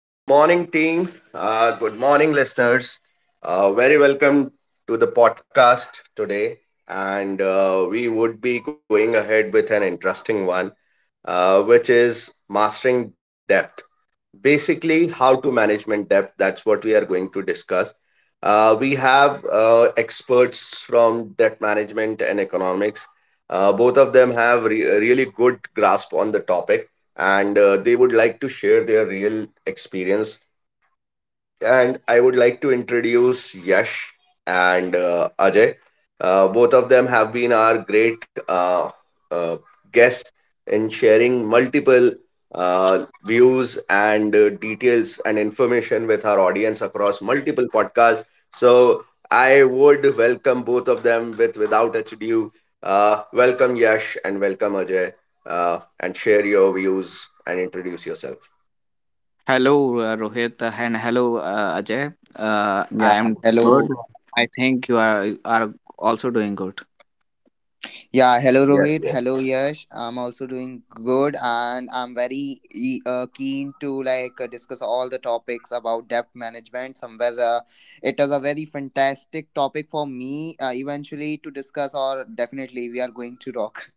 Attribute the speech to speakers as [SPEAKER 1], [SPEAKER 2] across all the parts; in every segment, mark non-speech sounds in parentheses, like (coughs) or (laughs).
[SPEAKER 1] Good morning, team. Good morning, listeners. Very welcome to the podcast today. And we would be going ahead with an interesting one, which is mastering depth. Basically, how to management depth. That's what we are going to discuss. We have experts from debt management and economics. Both of them have really good grasp on the topic, and they would like to share their real experience, and I would like to introduce Yash and Ajay. Both of them have been our great uh, guests in sharing multiple views and details and information with our audience across multiple podcasts. So I would welcome both of them with without ado. Welcome Yash and welcome Ajay, and share your views and introduce yourself.
[SPEAKER 2] Hello, Rohit, and hello, Ajay.
[SPEAKER 3] Yeah,
[SPEAKER 2] I am good.
[SPEAKER 3] hello.
[SPEAKER 2] I think you are also doing good.
[SPEAKER 3] Yeah, hello
[SPEAKER 1] Yes,
[SPEAKER 3] Rohit. Hello Yash. I'm also doing good and I'm very keen to like discuss all the topics about debt management. Somewhere It is a very fantastic topic for me eventually to discuss, or definitely we are going to talk.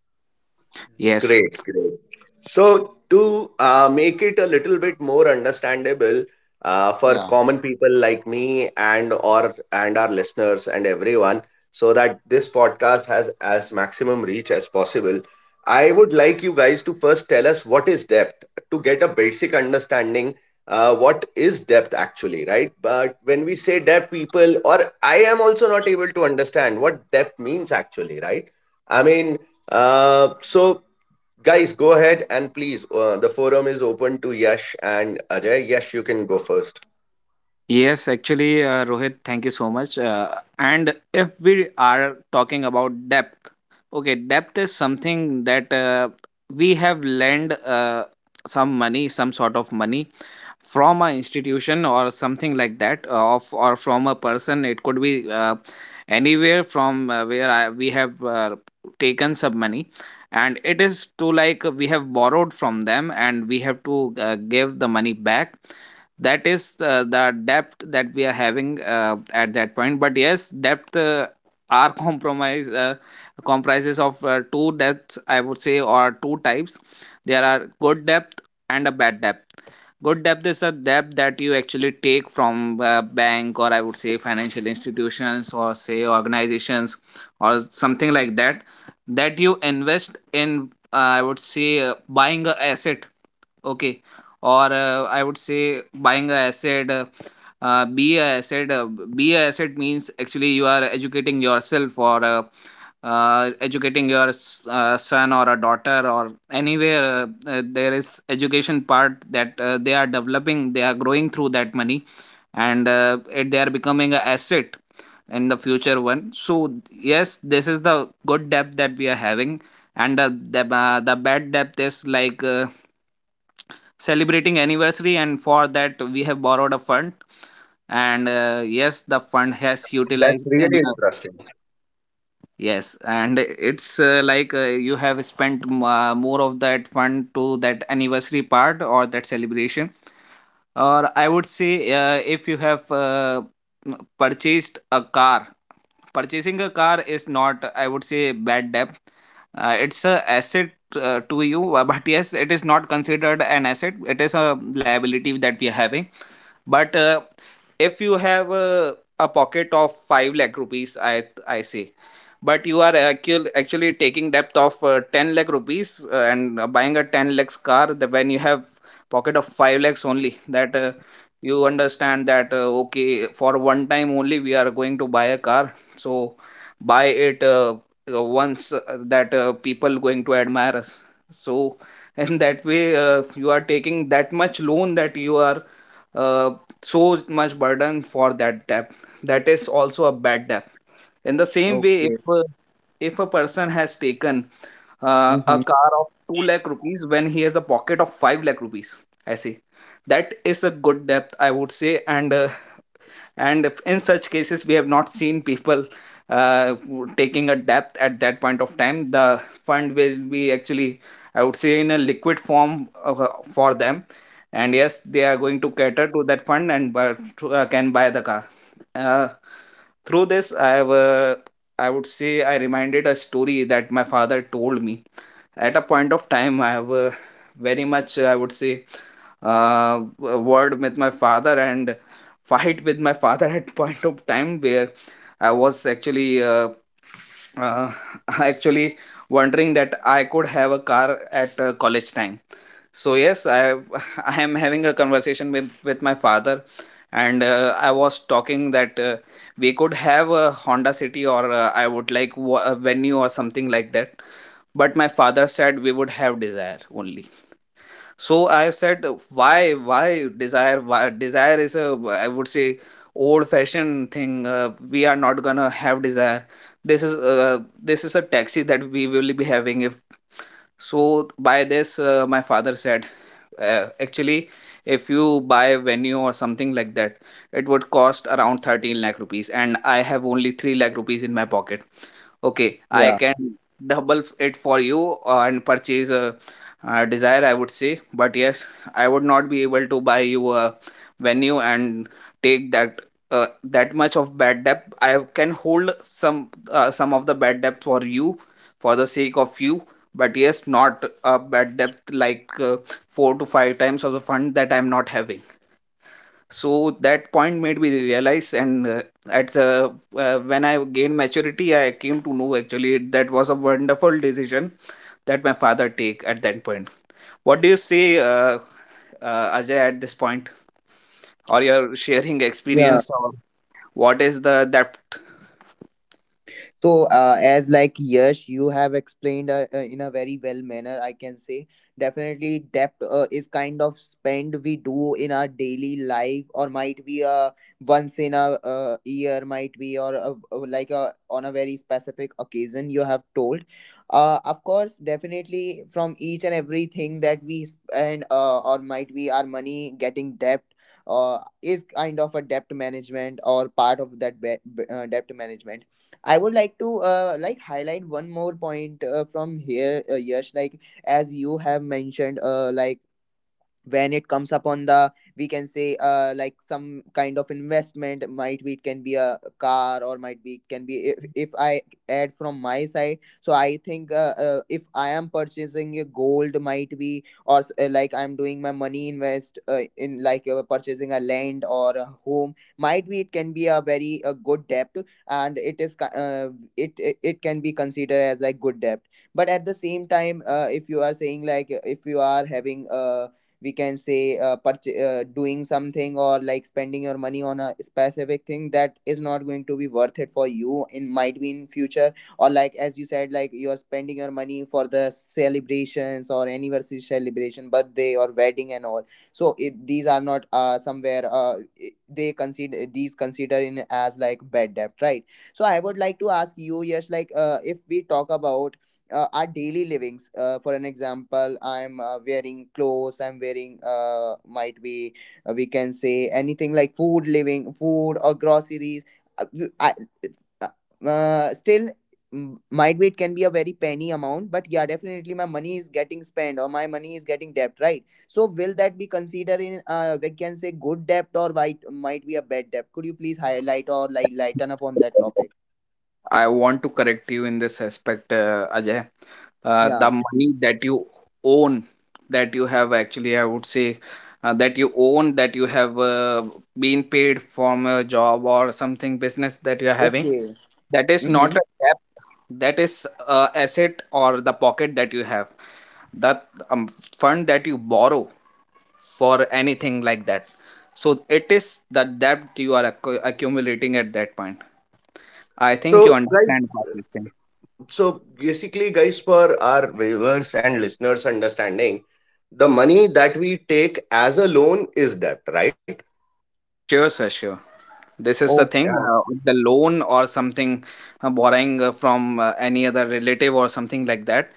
[SPEAKER 2] Yes,
[SPEAKER 1] great, great. So, to make it a little bit more understandable
[SPEAKER 3] (laughs)
[SPEAKER 1] for
[SPEAKER 3] Yeah.
[SPEAKER 1] common people like me and or and our listeners and everyone, so that this podcast has as maximum reach as possible, I would like you guys to first tell us what is depth to get a basic understanding. What is depth actually, right? But when we say depth, people or I am also not able to understand what depth means actually, right? I mean, so guys, go ahead and please, the forum is open to Yash and Ajay. Yash, you can go first.
[SPEAKER 2] yes. Actually, Rohit, thank you so much. And if we are talking about depth, okay, depth is something that we have lent some money, some sort of money from a institution or something like that of or from a person, it could be anywhere from where we have taken some money, and it is to, like, we have borrowed from them and we have to give the money back. That is the debt that we are having at that point. But yes, debt are (laughs) compromise comprises of two debts, I would say, or two types. There are good debt and a bad debt. Good debt is a debt that you actually take from a bank, or I would say financial institutions or say organizations or something like that, that you invest in, I would say, buying a asset, okay, or I would say buying a asset, uh, be a asset uh, be a asset means actually you are educating yourself or educating your son or a daughter, or anywhere there is education part that they are developing, they are growing through that money, and they are becoming an asset in the future one. So yes, this is the good depth that we are having. And the bad depth is like celebrating anniversary and for that we have borrowed a fund, and yes, the fund has
[SPEAKER 1] That's
[SPEAKER 2] utilized
[SPEAKER 1] really
[SPEAKER 2] in
[SPEAKER 1] interesting.
[SPEAKER 2] Yes, and it's like you have spent more of that fund to that anniversary part or that celebration. Or I would say, if you have purchased a car, purchasing a car is not, I would say, bad debt. It's a asset to you, (laughs) but yes, it is not considered an asset. It is a liability that we are having. But if you have a pocket of 5 lakh rupees, I say, but you are actually taking depth of 10 lakh rupees, and buying a 10 lakhs car, the, when you have pocket of 5 lakhs only, that you understand that, okay, for one time only we are going to buy a car, so buy it, once, that people going to admire us. So (laughs) in that way you are taking that much loan that you are uh, so much burden for that debt. That is also a bad debt. In the same way,
[SPEAKER 3] Okay.
[SPEAKER 2] if a person has taken a
[SPEAKER 3] Mm-hmm.
[SPEAKER 2] car of 2 lakh rupees when he has a pocket of 5 lakh rupees, I say, that is a good debt, I would say. And in such cases we have not seen people uh, taking a depth at that point of time. The fund will be actually, I would say, in a liquid form for them, and yes, they are going to cater to that fund and buy, can buy the car. Uh, through this I have I would say, I reminded a story that my father told me. At a point of time, I have very much, I would say, word with my father and fight with my father (laughs) at point of time, where I was actually uh, (laughs) actually wondering that I could have a car at college time. So yes, I (laughs) I am having a conversation with my father, and I was talking that we could have a Honda City, or I would like a venue or something like that. But my father said we would have desire only. So I said, why desire, why desire is a, I would say, old fashioned thing. We are not gonna have desire. this is uh, this is a taxi that we will be having. If so, by this my father said, actually, if you buy a venue or something like that, it would cost around 13 lakh rupees, and I have only 3 lakh rupees in my pocket. Okay, I
[SPEAKER 3] Yeah.
[SPEAKER 2] can double it for you and purchase a, uh, Desire, I would say. But yes, I would not be able to buy you a venue and take that that much of bad debt. I can hold some, some of the bad debt for you, for the sake of you. But yes, not a bad debt like four to five times of the fund that I'm not having. So that point made me realize, and at when I gained maturity, I came to know, actually, that was a wonderful decision that my father take at that point. What do you say, Ajay, at this point, or your sharing
[SPEAKER 3] Yeah.
[SPEAKER 2] experience, or what is the depth?
[SPEAKER 3] So as like Yash, you have explained in a very well manner I can say, definitely debt is kind of spend we do in our daily life, or might be a once in a year might be, or like a on a very specific occasion you have told. Of course, definitely from each and everything that we spend or might be our money getting debt is kind of a debt management or part of that debt management. I would like to like highlight one more point from here, Yash. Like as you have mentioned, like when it comes upon the, we can say, like some kind of investment, might be it can be a car, or might be it can be if I add from my side. So I think if I am purchasing a gold, might be, or like I'm doing my money invest in like purchasing a land or a home, might be it can be a very a good debt, and it can be considered as like good debt. But at the same time, if you are saying like, if you are having, we can say, doing something or like spending your money on a specific thing that is not going to be worth it for you in, might be in future, or like as you said, like you are spending your money for the celebrations or anniversary celebration, birthday, or wedding and all. So these are not somewhere, they consider these consider in as like bad debt, right? So I would like to ask you yes, like if we talk about our daily livings, for an example I'm wearing clothes, I'm wearing might be, we can say anything like food, living, food, or groceries. I, still might be it can be a very penny amount, but yeah, definitely my money is getting spent or my money is getting debt, right? So will that be considered in, we can say, good debt or might be a bad debt? Could you please highlight or like lighten up on that topic?
[SPEAKER 2] I want to correct you in this aspect, Ajay. The
[SPEAKER 3] Yeah.
[SPEAKER 2] money that you own, that you have actually, I would say, that you own, that you have been paid from a job or something business that you are having,
[SPEAKER 3] Okay.
[SPEAKER 2] that is
[SPEAKER 3] Mm-hmm.
[SPEAKER 2] not a debt. That is asset or the pocket that you have. That, um, fund that you borrow for anything like that. So it is the debt you are accumulating at that point. I think
[SPEAKER 1] So,
[SPEAKER 2] you
[SPEAKER 1] guys,
[SPEAKER 2] understand what this thing.
[SPEAKER 1] so basically, guys, for our viewers and listeners' understanding, the money that we take as a loan is debt, right?
[SPEAKER 2] Sure, sir. Sure. This is the thing,
[SPEAKER 1] Yeah.
[SPEAKER 3] Okay.
[SPEAKER 2] the loan or something, borrowing from any other relative or something like that,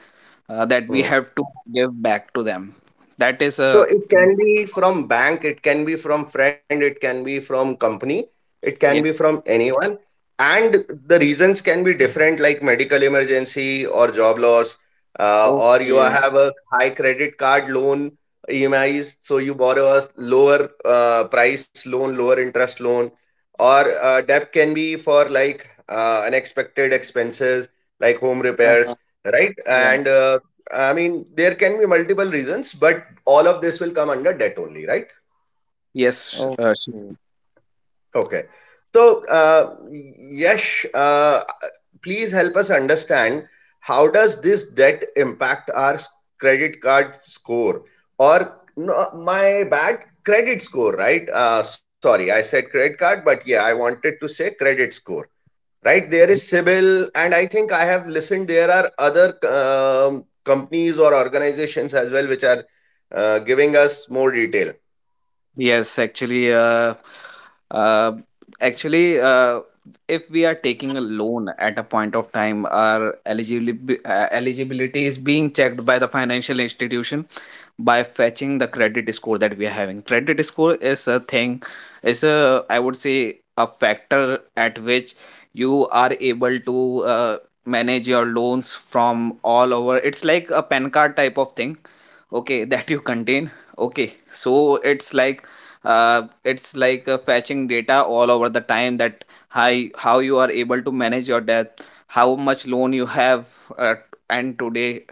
[SPEAKER 2] that we have to give back to them. That is
[SPEAKER 1] So
[SPEAKER 2] a
[SPEAKER 1] it can be from bank, it can be from friend, it can be from company, it can be
[SPEAKER 2] yes,
[SPEAKER 1] from anyone. And the reasons can be different, like medical emergency or job loss, or you
[SPEAKER 3] Okay.
[SPEAKER 1] have a high credit card loan EMIs, so you borrow a lower price loan, lower interest loan, or debt can be for like unexpected expenses like home repairs,
[SPEAKER 3] Uh-huh.
[SPEAKER 1] right?
[SPEAKER 3] Yeah.
[SPEAKER 1] And I mean, there can be multiple reasons, but all of this will come under debt only, right?
[SPEAKER 2] yes, uh,
[SPEAKER 3] Okay.
[SPEAKER 2] sh-
[SPEAKER 1] Okay. So, Yash, please help us understand how does this debt impact our credit card score or no, my bad credit score, right? Sorry, I said credit card, but yeah, I wanted to say credit score, right? There is Sybil, and I think I have listened. There are other companies or organizations as well which are giving us more detail.
[SPEAKER 2] yes. Actually, uh, actually, if we are taking a loan at a point of time, our eligibility is being checked by the financial institution by fetching the credit score that we are having. Credit score is a thing, is a, I would say, a factor at which you are able to manage your loans from all over. It's like a pen card type of thing, okay, (laughs) that you contain. Okay, so it's like, fetching data all over the time that how, how you are able to manage your debt, how much loan you have, uh, and today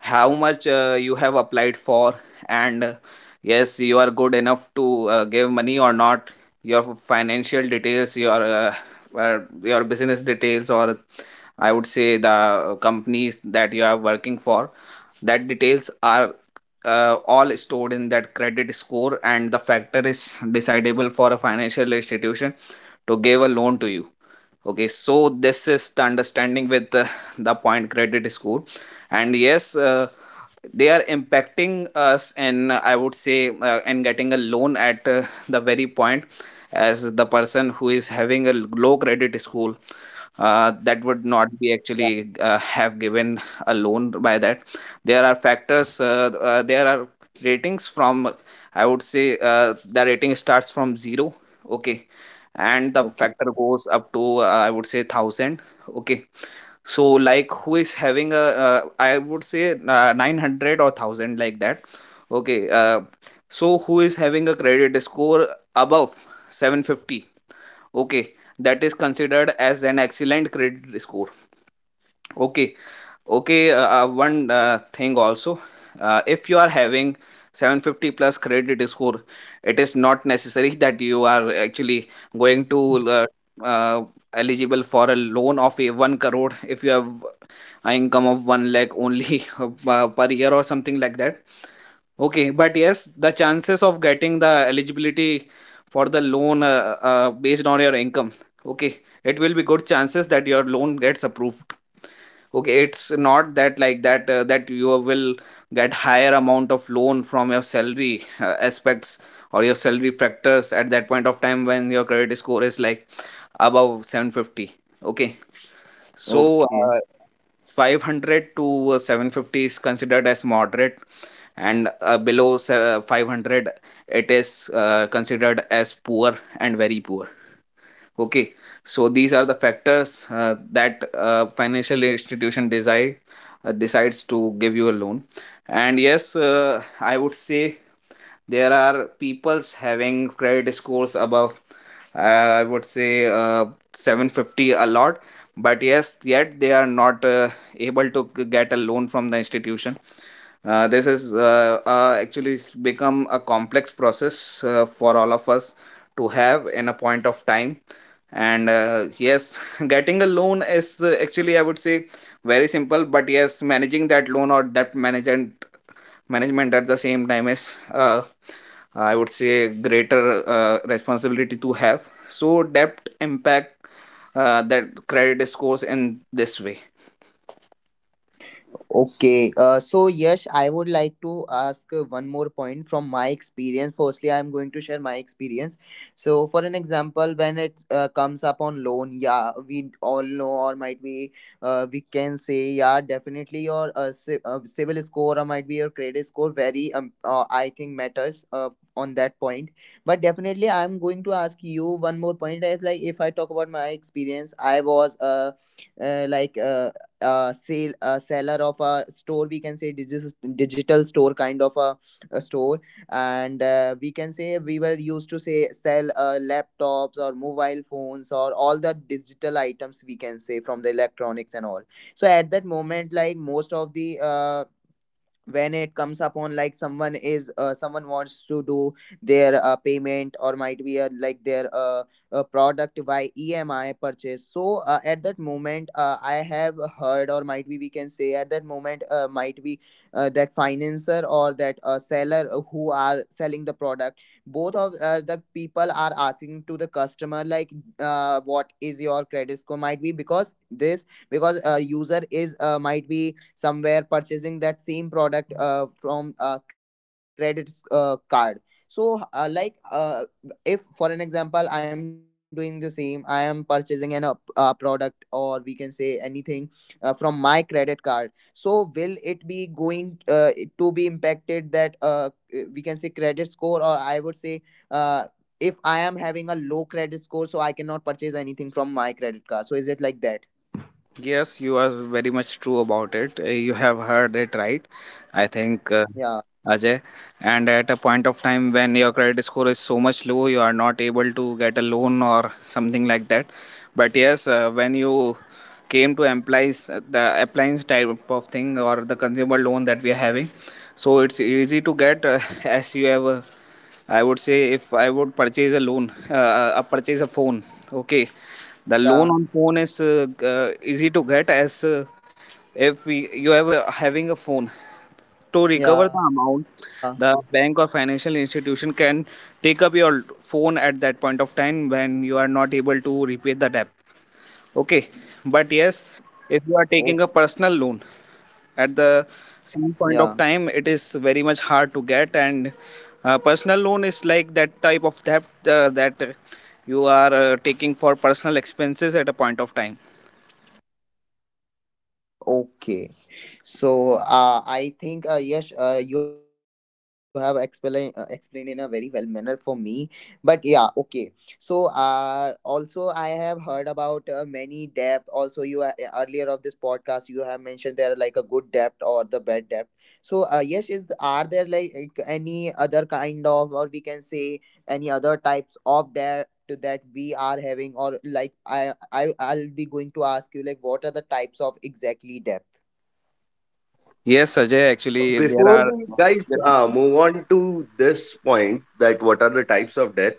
[SPEAKER 2] how much you have applied for, and yes, you are good enough to give money or not. Your financial details, your business details, or I would say the companies that you are working for, that details are all stored in that credit score, and the factor is decidable for a financial institution to give a loan to you. Okay, so this is the understanding with the point credit score, and yes, they are impacting us, and I would say, and getting a loan at the very point, as the person who is having a low credit score, that
[SPEAKER 3] Yeah.
[SPEAKER 2] would not be actually have given a loan by that. There are factors. There are ratings from. I would say the rating starts from zero. Okay, and the
[SPEAKER 3] Okay.
[SPEAKER 2] factor goes up to, I would say, 1000. Okay, so like who is having a, I would say 900 or 1000 like that. okay uh, so who is having a credit score above 750. Okay, that is considered as an excellent credit score, okay. Okay, one thing also, if you are having 750 plus credit score, it is not necessary (laughs) that you are actually going to uh, eligible for a loan of a 1 crore if you have an income of 1 lakh only, (laughs) per year or something like that. Okay, but yes, the chances of getting the eligibility for the loan, based on your income, okay, it will be good chances that your loan gets approved. Okay, it's not that like that, that you will get higher amount of loan from your salary aspects or your salary factors at that point of time when your credit score is like above 750. Okay, so
[SPEAKER 3] Okay.
[SPEAKER 2] uh, 500 to 750 is considered as moderate, and below 500 it is considered as poor and very poor. Okay, so these are the factors that financial institution decides to give you a loan. And yes, I would say there are peoples having credit scores above, uh, I would say 750, a lot, but yes, yet they are not able to get a loan from the institution. This is actually, it's become a complex process for all of us to have in a point of time. And yes, (laughs) getting a loan is actually, I would say, very simple, but yes, managing that loan or that management at the same time is, I would say greater responsibility to have. So debt impact that credit scores in this way.
[SPEAKER 3] Okay, so Yash, I would like to ask one more point from my experience. Firstly, I'm going to share my experience. So, for an example, when it comes up on loan, yeah, we all know, or might be, we can say, yeah, definitely your civil score or might be your credit score very, I think, matters on that point. But definitely, I'm going to ask you one more point. Is like if I talk about my experience, I was like sale a seller of a store, we can say digital store kind of a store, and we can say we were used to say sell laptops or mobile phones or all the digital items, we can say, from the electronics and all. So at that moment, like, most of the when it comes upon like someone wants to do their payment or might be like their product by EMI purchase. So at that moment, I have heard or might be we can say, at that moment, might be that financer or that seller who are selling the product, both of the people are asking to the customer, like, what is your credit score, might be because this, because user is might be somewhere purchasing that same product from a card. So like, if for an example I'm doing the same, I am purchasing a product or we can say anything from my credit card. So will it be going to be impacted that, we can say, credit score, or I would say uh, if I am having a low credit score, so I cannot purchase anything from my credit card. So is it like that?
[SPEAKER 2] Yes, you are very much true about it. You have heard it right. I think,
[SPEAKER 3] Yeah.
[SPEAKER 2] Ajay. And at a point of time when your credit score is so much low, you are not able to get a loan or something like that. But yes, when you came to applies the appliance type of thing or the consumer loan that we are having, so it's easy to get, (laughs) as you have. I would say if I would purchase a loan, purchase a phone. Okay, the loan on
[SPEAKER 3] Yeah.
[SPEAKER 2] phone is easy to get, as if you ever having a phone to recover the
[SPEAKER 3] Yeah.
[SPEAKER 2] amount, the bank or financial institution can take up your phone at that point of time when you are not able to repay the debt. Okay, but yes,
[SPEAKER 3] Oh.
[SPEAKER 2] if you are taking a personal loan at the
[SPEAKER 3] Yeah.
[SPEAKER 2] same point of time, it is very much hard to get. And personal loan is like that type of debt that you are taking for personal expenses at a point of time.
[SPEAKER 3] Okay, so I think yes, you have explained in a very well manner for me. But yeah, okay. So also I have heard about many debt. Also, you earlier of this podcast you have mentioned there are like a good debt or the bad debt. So yes, is are there like any other kind of, or we can say, any other types of debt that we are having, or like I'll be going to ask you, like, what are the types of exactly debt?
[SPEAKER 2] Yes, Ajay,
[SPEAKER 1] So
[SPEAKER 2] actually, there
[SPEAKER 1] before
[SPEAKER 2] are.
[SPEAKER 1] we guys move on to this point that what are the types of death,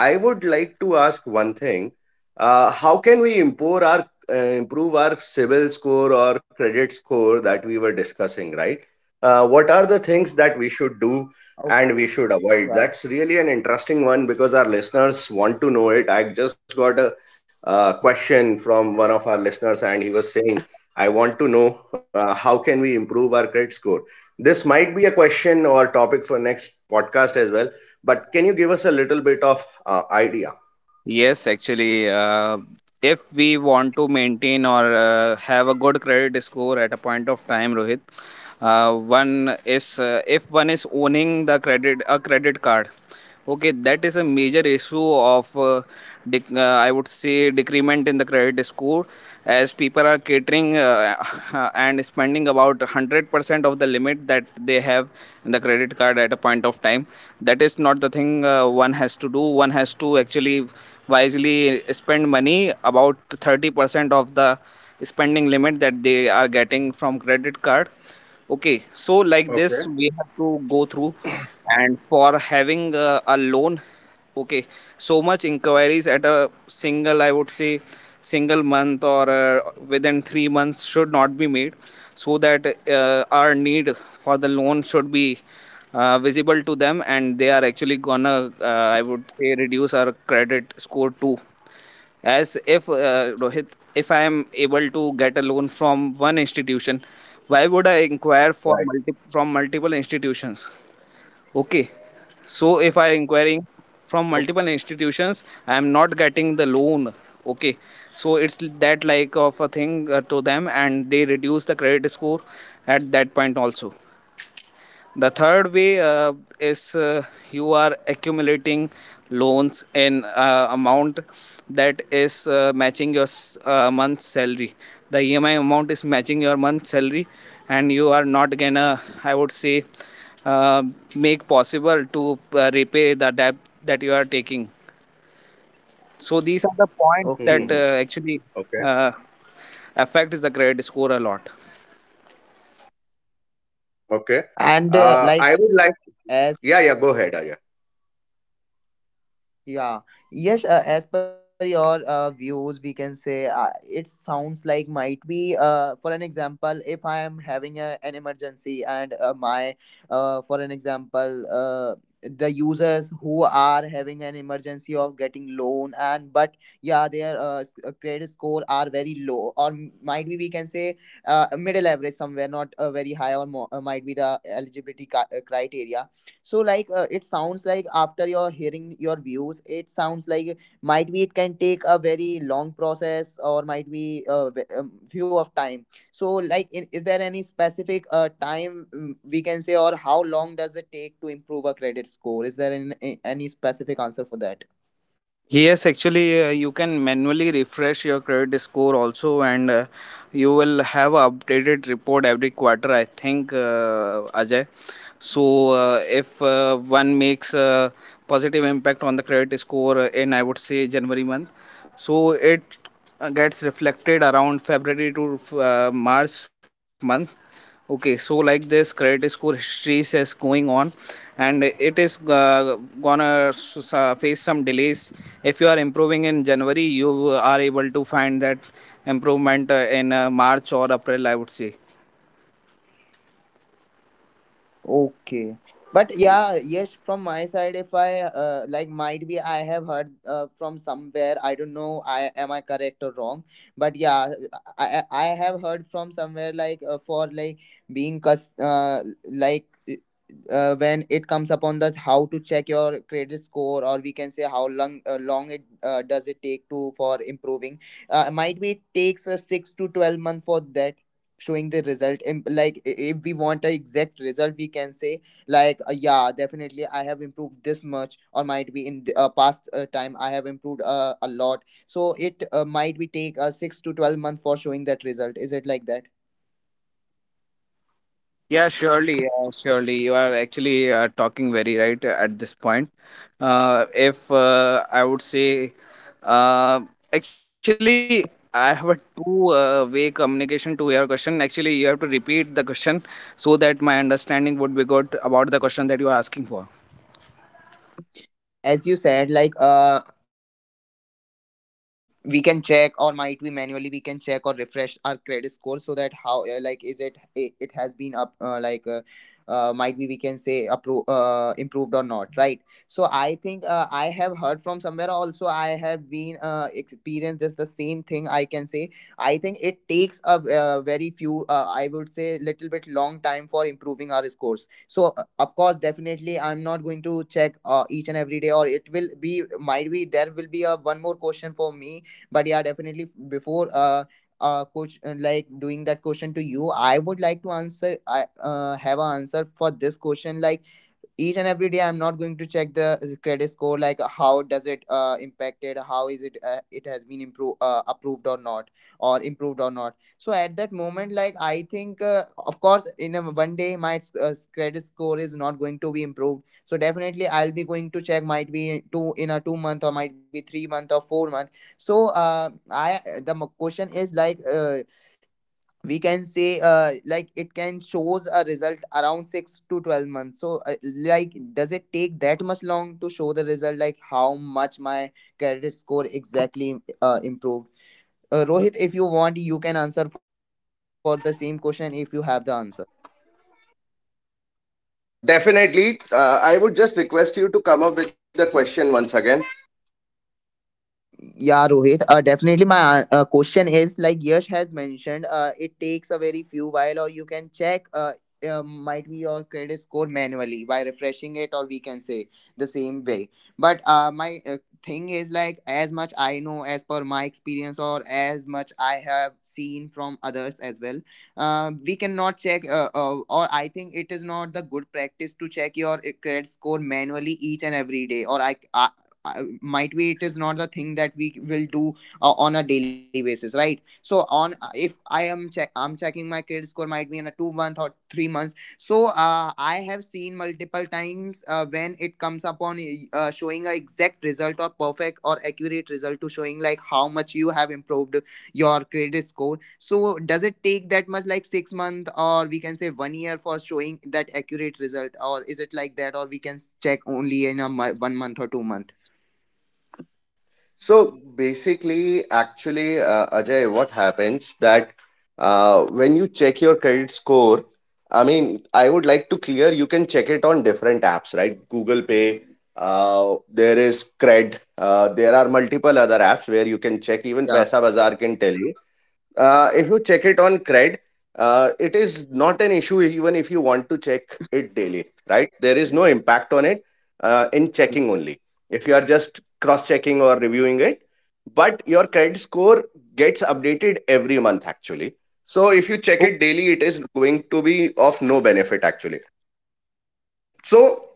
[SPEAKER 1] I would like to ask one thing. How can we improve our civil score or credit score that we were discussing, right? What are the things that we should
[SPEAKER 3] Okay.
[SPEAKER 1] do and we
[SPEAKER 3] Yeah.
[SPEAKER 1] should avoid? That's really an interesting one because our listeners want to know it. I just got a question from one of our listeners, and he was saying, "I want to know how can we improve our credit score." This might be a question or topic for next podcast as well, but can you give us a little bit of idea?
[SPEAKER 2] Yes, actually, if we want to maintain or have a good credit score at a point of time, Rohit, one is, if one is owning the credit a credit card, okay, that is a major issue of I would say decrement in the credit score, as people are catering (laughs) and spending about 100% of the limit that they have in the credit card at a point of time. That is not the thing one has to do. One has to actually wisely spend money about 30% of the spending limit that they are getting from credit card. Okay, so like
[SPEAKER 1] Okay.
[SPEAKER 2] this, we have to go through. And for having a loan, okay, so much inquiries at a single, I would say, single month, or within 3 months, should not be made, so that our need for the loan should be visible to them, and they are actually gonna, I would say, reduce our credit score too. As if, Rohit, if I am able to get a loan from one institution, why would I inquire for
[SPEAKER 1] Right.
[SPEAKER 2] from multiple institutions? Okay, so if I inquiring
[SPEAKER 3] Okay.
[SPEAKER 2] from multiple institutions, I am not getting the loan. Okay, so it's that like of a thing to them, and they reduce the credit score at that point also. The third way is you are accumulating loans in amount that is matching your month's salary. The EMI amount is matching your month's salary, and you are not gonna, I would say, uh, make possible to repay the debt that you are taking. So
[SPEAKER 1] Mm-hmm.
[SPEAKER 2] these are the points
[SPEAKER 1] Okay.
[SPEAKER 2] that
[SPEAKER 3] Okay.
[SPEAKER 2] actually uh, affect the credit score a lot.
[SPEAKER 1] Okay. I would like,
[SPEAKER 3] And like
[SPEAKER 1] yeah, yeah, go ahead,
[SPEAKER 3] as
[SPEAKER 1] Ajay.
[SPEAKER 3] Yeah, yes, as per your views, we can say, it sounds like, might be, for an example, if I am having an emergency, and my, for an example, the users who are having an emergency of getting loan, and but yeah, their credit score are very low, or might be we can say middle average somewhere, not very high or more, might be the criteria. So like it sounds like, after your hearing your views it sounds like might be it can take a very long process or might be few of time. So, like, in, is there any specific time, we can say, or how long does it take to improve a credit score? Is there any specific answer for that?
[SPEAKER 2] Yes, actually, you can manually refresh your credit score also, and you will have a updated report every quarter, I think, Ajay. So, if one makes a positive impact on the credit score in, I would say, January month, so it gets reflected around February to March month. Okay, so like this credit score histories is going on, and it is, gonna face some delays. If you are improving in January, you are able to find that improvement in March or April, I would say.
[SPEAKER 3] Okay. But yeah, yes, from my side, if I like, might be I have heard from somewhere. I don't know. I am I correct or wrong? But yeah, I have heard from somewhere, like for like being cus like when it comes upon the how to check your credit score, or we can say how long it does it take to for improving. Might be it takes 6 to 12 month for that showing the result, and like if we want an exact result we can say like yeah, definitely I have improved this much, or might be in the past time I have improved a lot. So it might be take 6 to 12 month for showing that result, is it like that?
[SPEAKER 2] Yeah, surely, surely. You are actually talking very right at this point. If I would say, uh, actually, I have a two-way communication to your question. Actually, you have to repeat the question so that my understanding would be good about the question that you are asking for.
[SPEAKER 3] As you said, like we can check or might we manually we can check or refresh our credit score, so that how like is it it has been up like, might be we can say improved or not, right? So I think I have heard from somewhere, also I have been experienced this the same thing, I can say. I think it takes a very few, I would say, little bit long time for improving our scores. So of course, definitely I'm not going to check each and every day, or it will be might be there will be a one more question for me. But yeah, definitely, before coach like doing that question to you, I would like to answer. I have an answer for this question, like each and every day I'm not going to check the credit score, like how does it impacted, how is it it has been improved approved or not, or improved or not. So at that moment, like, I think of course in one day my uh, credit score is not going to be improved, so definitely I'll be going to check, might be two in a 2 month or might be 3 month or 4 month. So I, question is like, we can say,
[SPEAKER 2] Hello,
[SPEAKER 3] like it can shows a result around 6 to 12 months. So like does
[SPEAKER 2] hello,
[SPEAKER 3] it take that
[SPEAKER 2] Ajay,
[SPEAKER 3] much long
[SPEAKER 2] are
[SPEAKER 3] to
[SPEAKER 2] you
[SPEAKER 3] show
[SPEAKER 2] there?
[SPEAKER 3] the result, like how much my credit score exactly improved. Rohit, if you want you can answer for the same question if you have the answer.
[SPEAKER 1] Definitely, I would just request you to come up with the question once again.
[SPEAKER 3] Yeah, Rohit. Definitely. My question is like Yash has mentioned. It takes a very few while, or you can check. Might be your credit score manually by refreshing it, or we can say the same way. But my thing is like as much I know, as per my experience, or as much I have seen from others as well. We cannot check, or I think it is not the good practice to check your credit score manually each and every day. Or I might be it is not the thing that we will do on a daily basis, right? So on if I am check I'm checking my credit score, might be in a 2 month or 3 months. So I have seen multiple times when it comes upon showing a exact result or perfect or accurate result to showing like how much you have improved your credit score. So does it take that much like 6 month or we can say one year for showing that accurate result, or is it like that, or we can check only in one month or 2 month?
[SPEAKER 1] So basically, actually, Ajay, what happens that when you check your credit score, I mean, I would like to clear you can check it on different apps, right? Google Pay, there is Cred, there are multiple other apps where you can check. Even
[SPEAKER 3] Yeah.
[SPEAKER 1] Paisa Bazaar can tell you. If you check it on Cred, it is not an issue even if you want to check it daily, right? There is no impact on it in
[SPEAKER 3] Yeah.
[SPEAKER 1] checking only. If you are just cross checking or reviewing it, but your credit score gets updated every month actually. So if you check
[SPEAKER 3] Oh.
[SPEAKER 1] it daily, it is going to be of no benefit actually. So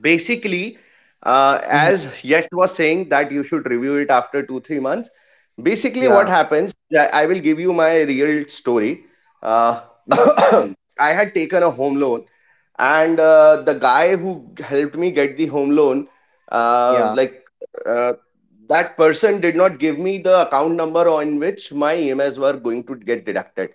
[SPEAKER 1] basically
[SPEAKER 3] Mm-hmm.
[SPEAKER 1] as Yash was saying, that you should review it after 2-3 months. Basically what
[SPEAKER 3] Yeah.
[SPEAKER 1] happens, I will give you my real story. uh,
[SPEAKER 3] Mm,
[SPEAKER 1] (coughs) I had taken a home loan, and the guy who helped me get the home loan, uh,
[SPEAKER 3] yeah.
[SPEAKER 1] like uh, that person did not give me the account number on which my EMS were going to get deducted.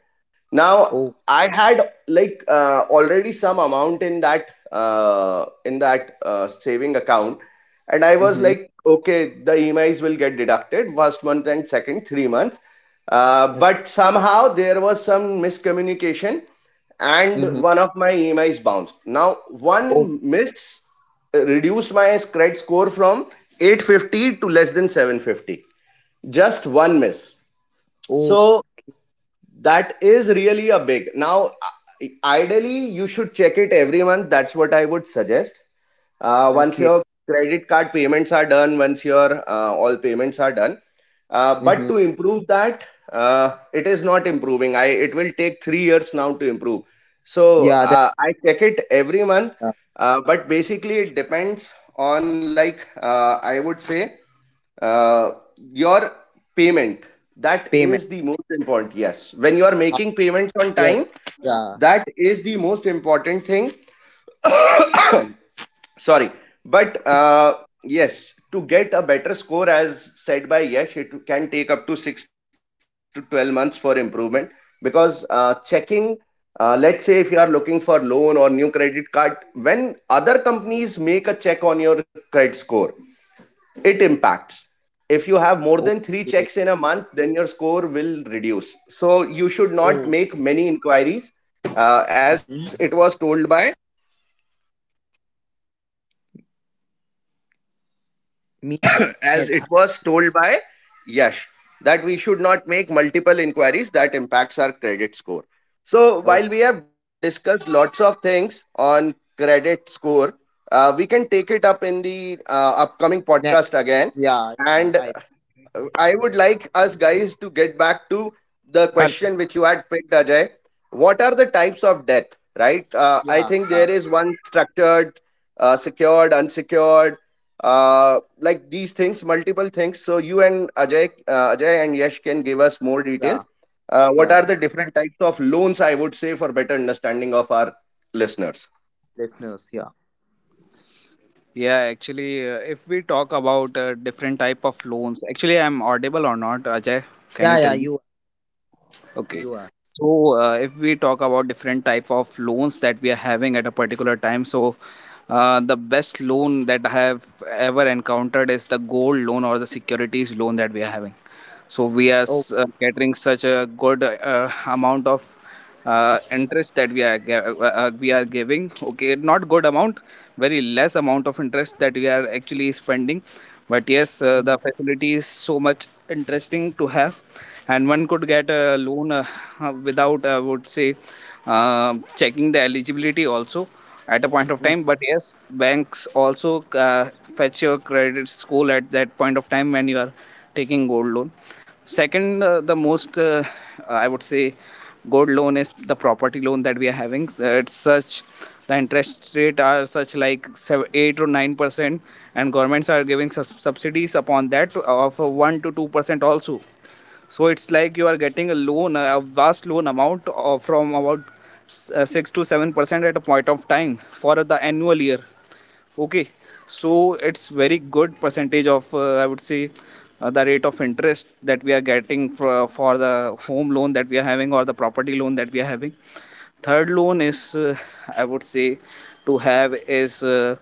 [SPEAKER 1] Now
[SPEAKER 3] Oh.
[SPEAKER 1] I had like already some amount in that saving account, and I was
[SPEAKER 3] Mm-hmm.
[SPEAKER 1] like, okay, the EMIs will get deducted first month and second three months.
[SPEAKER 3] Okay.
[SPEAKER 1] But somehow there was some miscommunication, and
[SPEAKER 3] Mm-hmm.
[SPEAKER 1] one of my EMIs bounced. Now
[SPEAKER 3] Oh.
[SPEAKER 1] one miss reduced my credit score from 850 to less than 750, just one miss.
[SPEAKER 3] Oh.
[SPEAKER 1] So that is really a big now. Ideally you should check it every month, that's what I would suggest. Uh, once
[SPEAKER 3] Okay.
[SPEAKER 1] your credit card payments are done, once your all payments are done.
[SPEAKER 3] Mm-hmm.
[SPEAKER 1] But to improve that, it is not improving. I it will take 3 years now to improve. So
[SPEAKER 3] Yeah. That
[SPEAKER 1] I check it every month.
[SPEAKER 3] uh,
[SPEAKER 1] But basically, it depends on like I would say uh, your payment. That is
[SPEAKER 3] payment.
[SPEAKER 1] the most important. Yes, when you are
[SPEAKER 3] How?
[SPEAKER 1] making payments on
[SPEAKER 3] Yeah.
[SPEAKER 1] time,
[SPEAKER 3] Yeah.
[SPEAKER 1] that is the most important thing. Sorry, but yes, to get a better score, as said by Yash, it can take up to 6 to 12 months for improvement, because checking, let's say if you are looking for loan or new credit card, when other companies make a check on your credit score, it impacts. If you have more than 3
[SPEAKER 3] Okay.
[SPEAKER 1] checks in a month, then your score will reduce, so you should
[SPEAKER 3] Oh.
[SPEAKER 1] not make many inquiries. uh, as
[SPEAKER 3] Mm-hmm.
[SPEAKER 1] it was told by
[SPEAKER 3] Me. Yeah.
[SPEAKER 1] as it was told by Yash, that we should not make multiple inquiries, that impacts our credit score. So
[SPEAKER 3] Oh.
[SPEAKER 1] while we have discussed lots of things on credit score, we can take it up in the upcoming
[SPEAKER 3] Ne-
[SPEAKER 1] podcast again.
[SPEAKER 3] yeah. Yeah.
[SPEAKER 1] And
[SPEAKER 3] I.
[SPEAKER 1] I would like us guys to get back to the
[SPEAKER 2] Hello.
[SPEAKER 1] question which you had picked, Ajay. What are the types of debt? Right? I
[SPEAKER 3] Yeah.
[SPEAKER 1] think
[SPEAKER 3] Yeah.
[SPEAKER 1] there is one structured, secured, unsecured, like these things, multiple things. So you and Ajay, Ajay and Yash, can give us more details,
[SPEAKER 3] Yeah. Yeah.
[SPEAKER 1] what are
[SPEAKER 3] Yeah.
[SPEAKER 1] the different types of loans, I would say, for better understanding of our listeners.
[SPEAKER 3] Listeners. Yeah.
[SPEAKER 2] Yeah, actually, if we talk about different type of loans, actually, I'm audible or not, Ajay? Can
[SPEAKER 3] Yeah.
[SPEAKER 2] you
[SPEAKER 3] Yeah.
[SPEAKER 2] tell me? Okay.
[SPEAKER 3] You are.
[SPEAKER 2] So, if we talk about different type of loans that we are having at a particular time, so the best loan that I have ever encountered is the gold loan or the securities loan that we are having. So we are
[SPEAKER 3] Oh.
[SPEAKER 2] catering such a good amount of interest that we are we are giving. Okay, not good amount, very less amount of interest that we are actually spending. But yes,
[SPEAKER 3] Mm-hmm.
[SPEAKER 2] the facility is so much interesting to have, and one could get a loan, without, I would say, checking the eligibility also at a point of
[SPEAKER 3] Mm.
[SPEAKER 2] time. But yes, banks also fetch your credit score at that point of time when you are taking gold loan. Second, the most, I would say, gold loan is the property loan that we are having. So it's such the interest rate are such like 8 or 9%, and governments are giving subsidies upon that of 1 to 2% also. So it's like you are getting a loan, a vast loan amount of from about 6 to 7% at a point of time for the annual year. Okay, so it's very good percentage of, I would say the rate of interest that we are getting for the home loan that we are having or the property loan that we are having. Third loan is, I would say to have is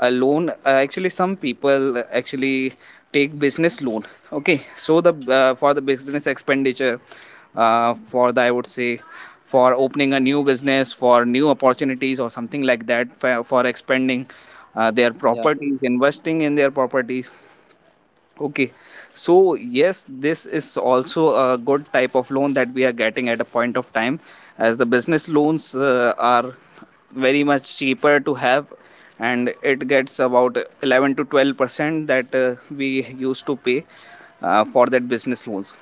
[SPEAKER 2] a loan. Actually, some people actually take business loan. Okay, so the for the business expenditure, for the I would say for opening a new business, for new opportunities or something like that, for expanding their
[SPEAKER 3] Yeah.
[SPEAKER 2] properties, investing in their properties. Okay, so yes, this is also a good type of loan that we are getting at a point of time, as the business loans are very much cheaper to have, and it gets about 11 to 12 percent that we used to pay for that business loans.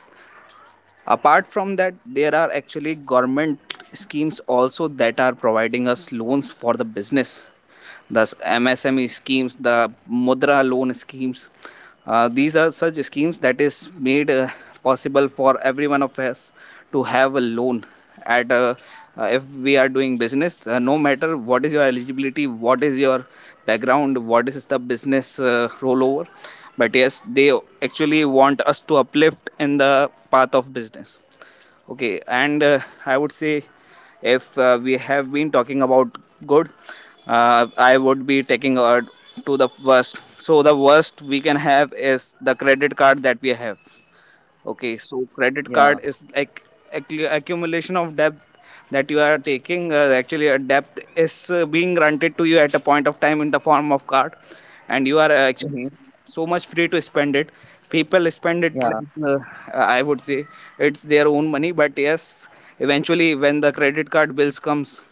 [SPEAKER 2] Apart from that, there are actually government schemes also that are providing us loans for the business, the MSME schemes, the Mudra loan schemes. These are such schemes that is made possible for every one of us to have a loan at a, if we are doing business, no matter what is your eligibility, what is your background, what is the business rollover. But yes, they actually want us to uplift in the path of business. Okay, and I would say if we have been talking about good, I would be taking to the worst. So the worst we can have is the credit card that we have. Okay,
[SPEAKER 3] Yeah.
[SPEAKER 2] so credit card is like accumulation of debt that you are taking. Actually, a debt is being granted to you at a point of time in the form of card, and you are
[SPEAKER 3] Mm-hmm.
[SPEAKER 2] actually so much free to spend it. People spend it
[SPEAKER 3] Yeah.
[SPEAKER 2] like, I would say, it's their own money. But yes, eventually when the credit card bills comes,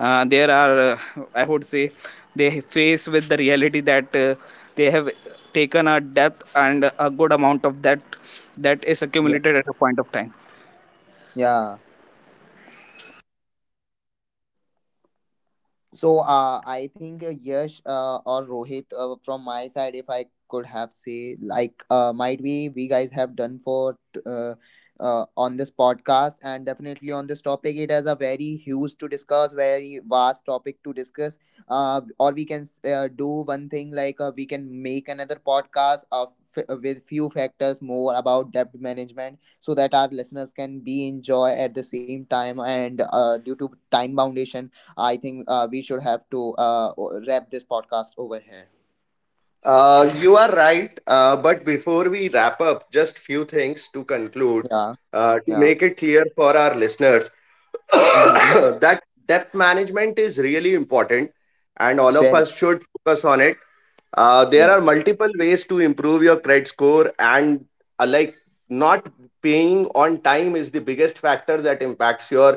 [SPEAKER 2] there are I would say, they face with the reality that they have taken a depth and a good amount of that that is
[SPEAKER 3] Yeah.
[SPEAKER 2] accumulated at a point of time.
[SPEAKER 3] Yeah. So I think Yash or Rohit, from my side, if I could have say, like might be we guys have done on this podcast, and definitely on this topic it has a very huge to discuss, very vast topic to discuss. Or we can do one thing, like we can make another podcast with few factors more about debt management, so that our listeners can be enjoy at the same time, and due to time foundation I think we should have to wrap this podcast over here.
[SPEAKER 1] Uh, you are right, but before we wrap up, just few things to conclude,
[SPEAKER 3] Yeah,
[SPEAKER 1] to
[SPEAKER 3] yeah.
[SPEAKER 1] make it clear for our listeners, (coughs)
[SPEAKER 3] Mm-hmm.
[SPEAKER 1] that debt management is really important and all of
[SPEAKER 3] Very,
[SPEAKER 1] us should focus on it. There
[SPEAKER 3] yeah,
[SPEAKER 1] are multiple ways to improve your credit score, and uh, like not paying on time is the biggest factor that impacts your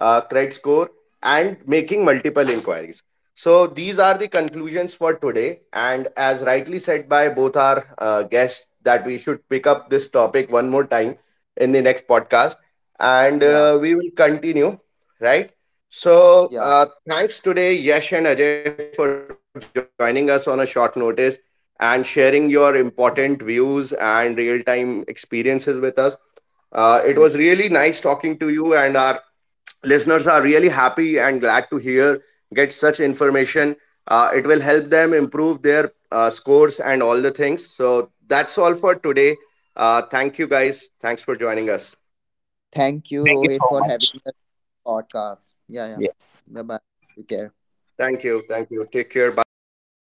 [SPEAKER 1] credit score, and making multiple inquiries. So, these are the conclusions for today. And as rightly said by both our guests, that we should pick up this topic one more time in the next podcast, and
[SPEAKER 3] yeah,
[SPEAKER 1] we will continue, right? So,
[SPEAKER 3] yeah,
[SPEAKER 1] thanks today, Yash and Ajay, for joining us on a short notice and sharing your important views and real time experiences with us. It
[SPEAKER 3] yeah.
[SPEAKER 1] was really nice talking to you, and our listeners are really happy and glad to hear get such information. It will help them improve their scores and all the things. So that's all for today. Thank you guys. Thanks for joining us.
[SPEAKER 3] Thank you,
[SPEAKER 2] Thank you
[SPEAKER 3] Rohit,
[SPEAKER 2] so
[SPEAKER 3] for
[SPEAKER 2] much.
[SPEAKER 3] having the podcast. Yeah, yeah.
[SPEAKER 2] Yes.
[SPEAKER 3] Bye bye. Take care.
[SPEAKER 1] Thank you. Thank you. Take care. Bye.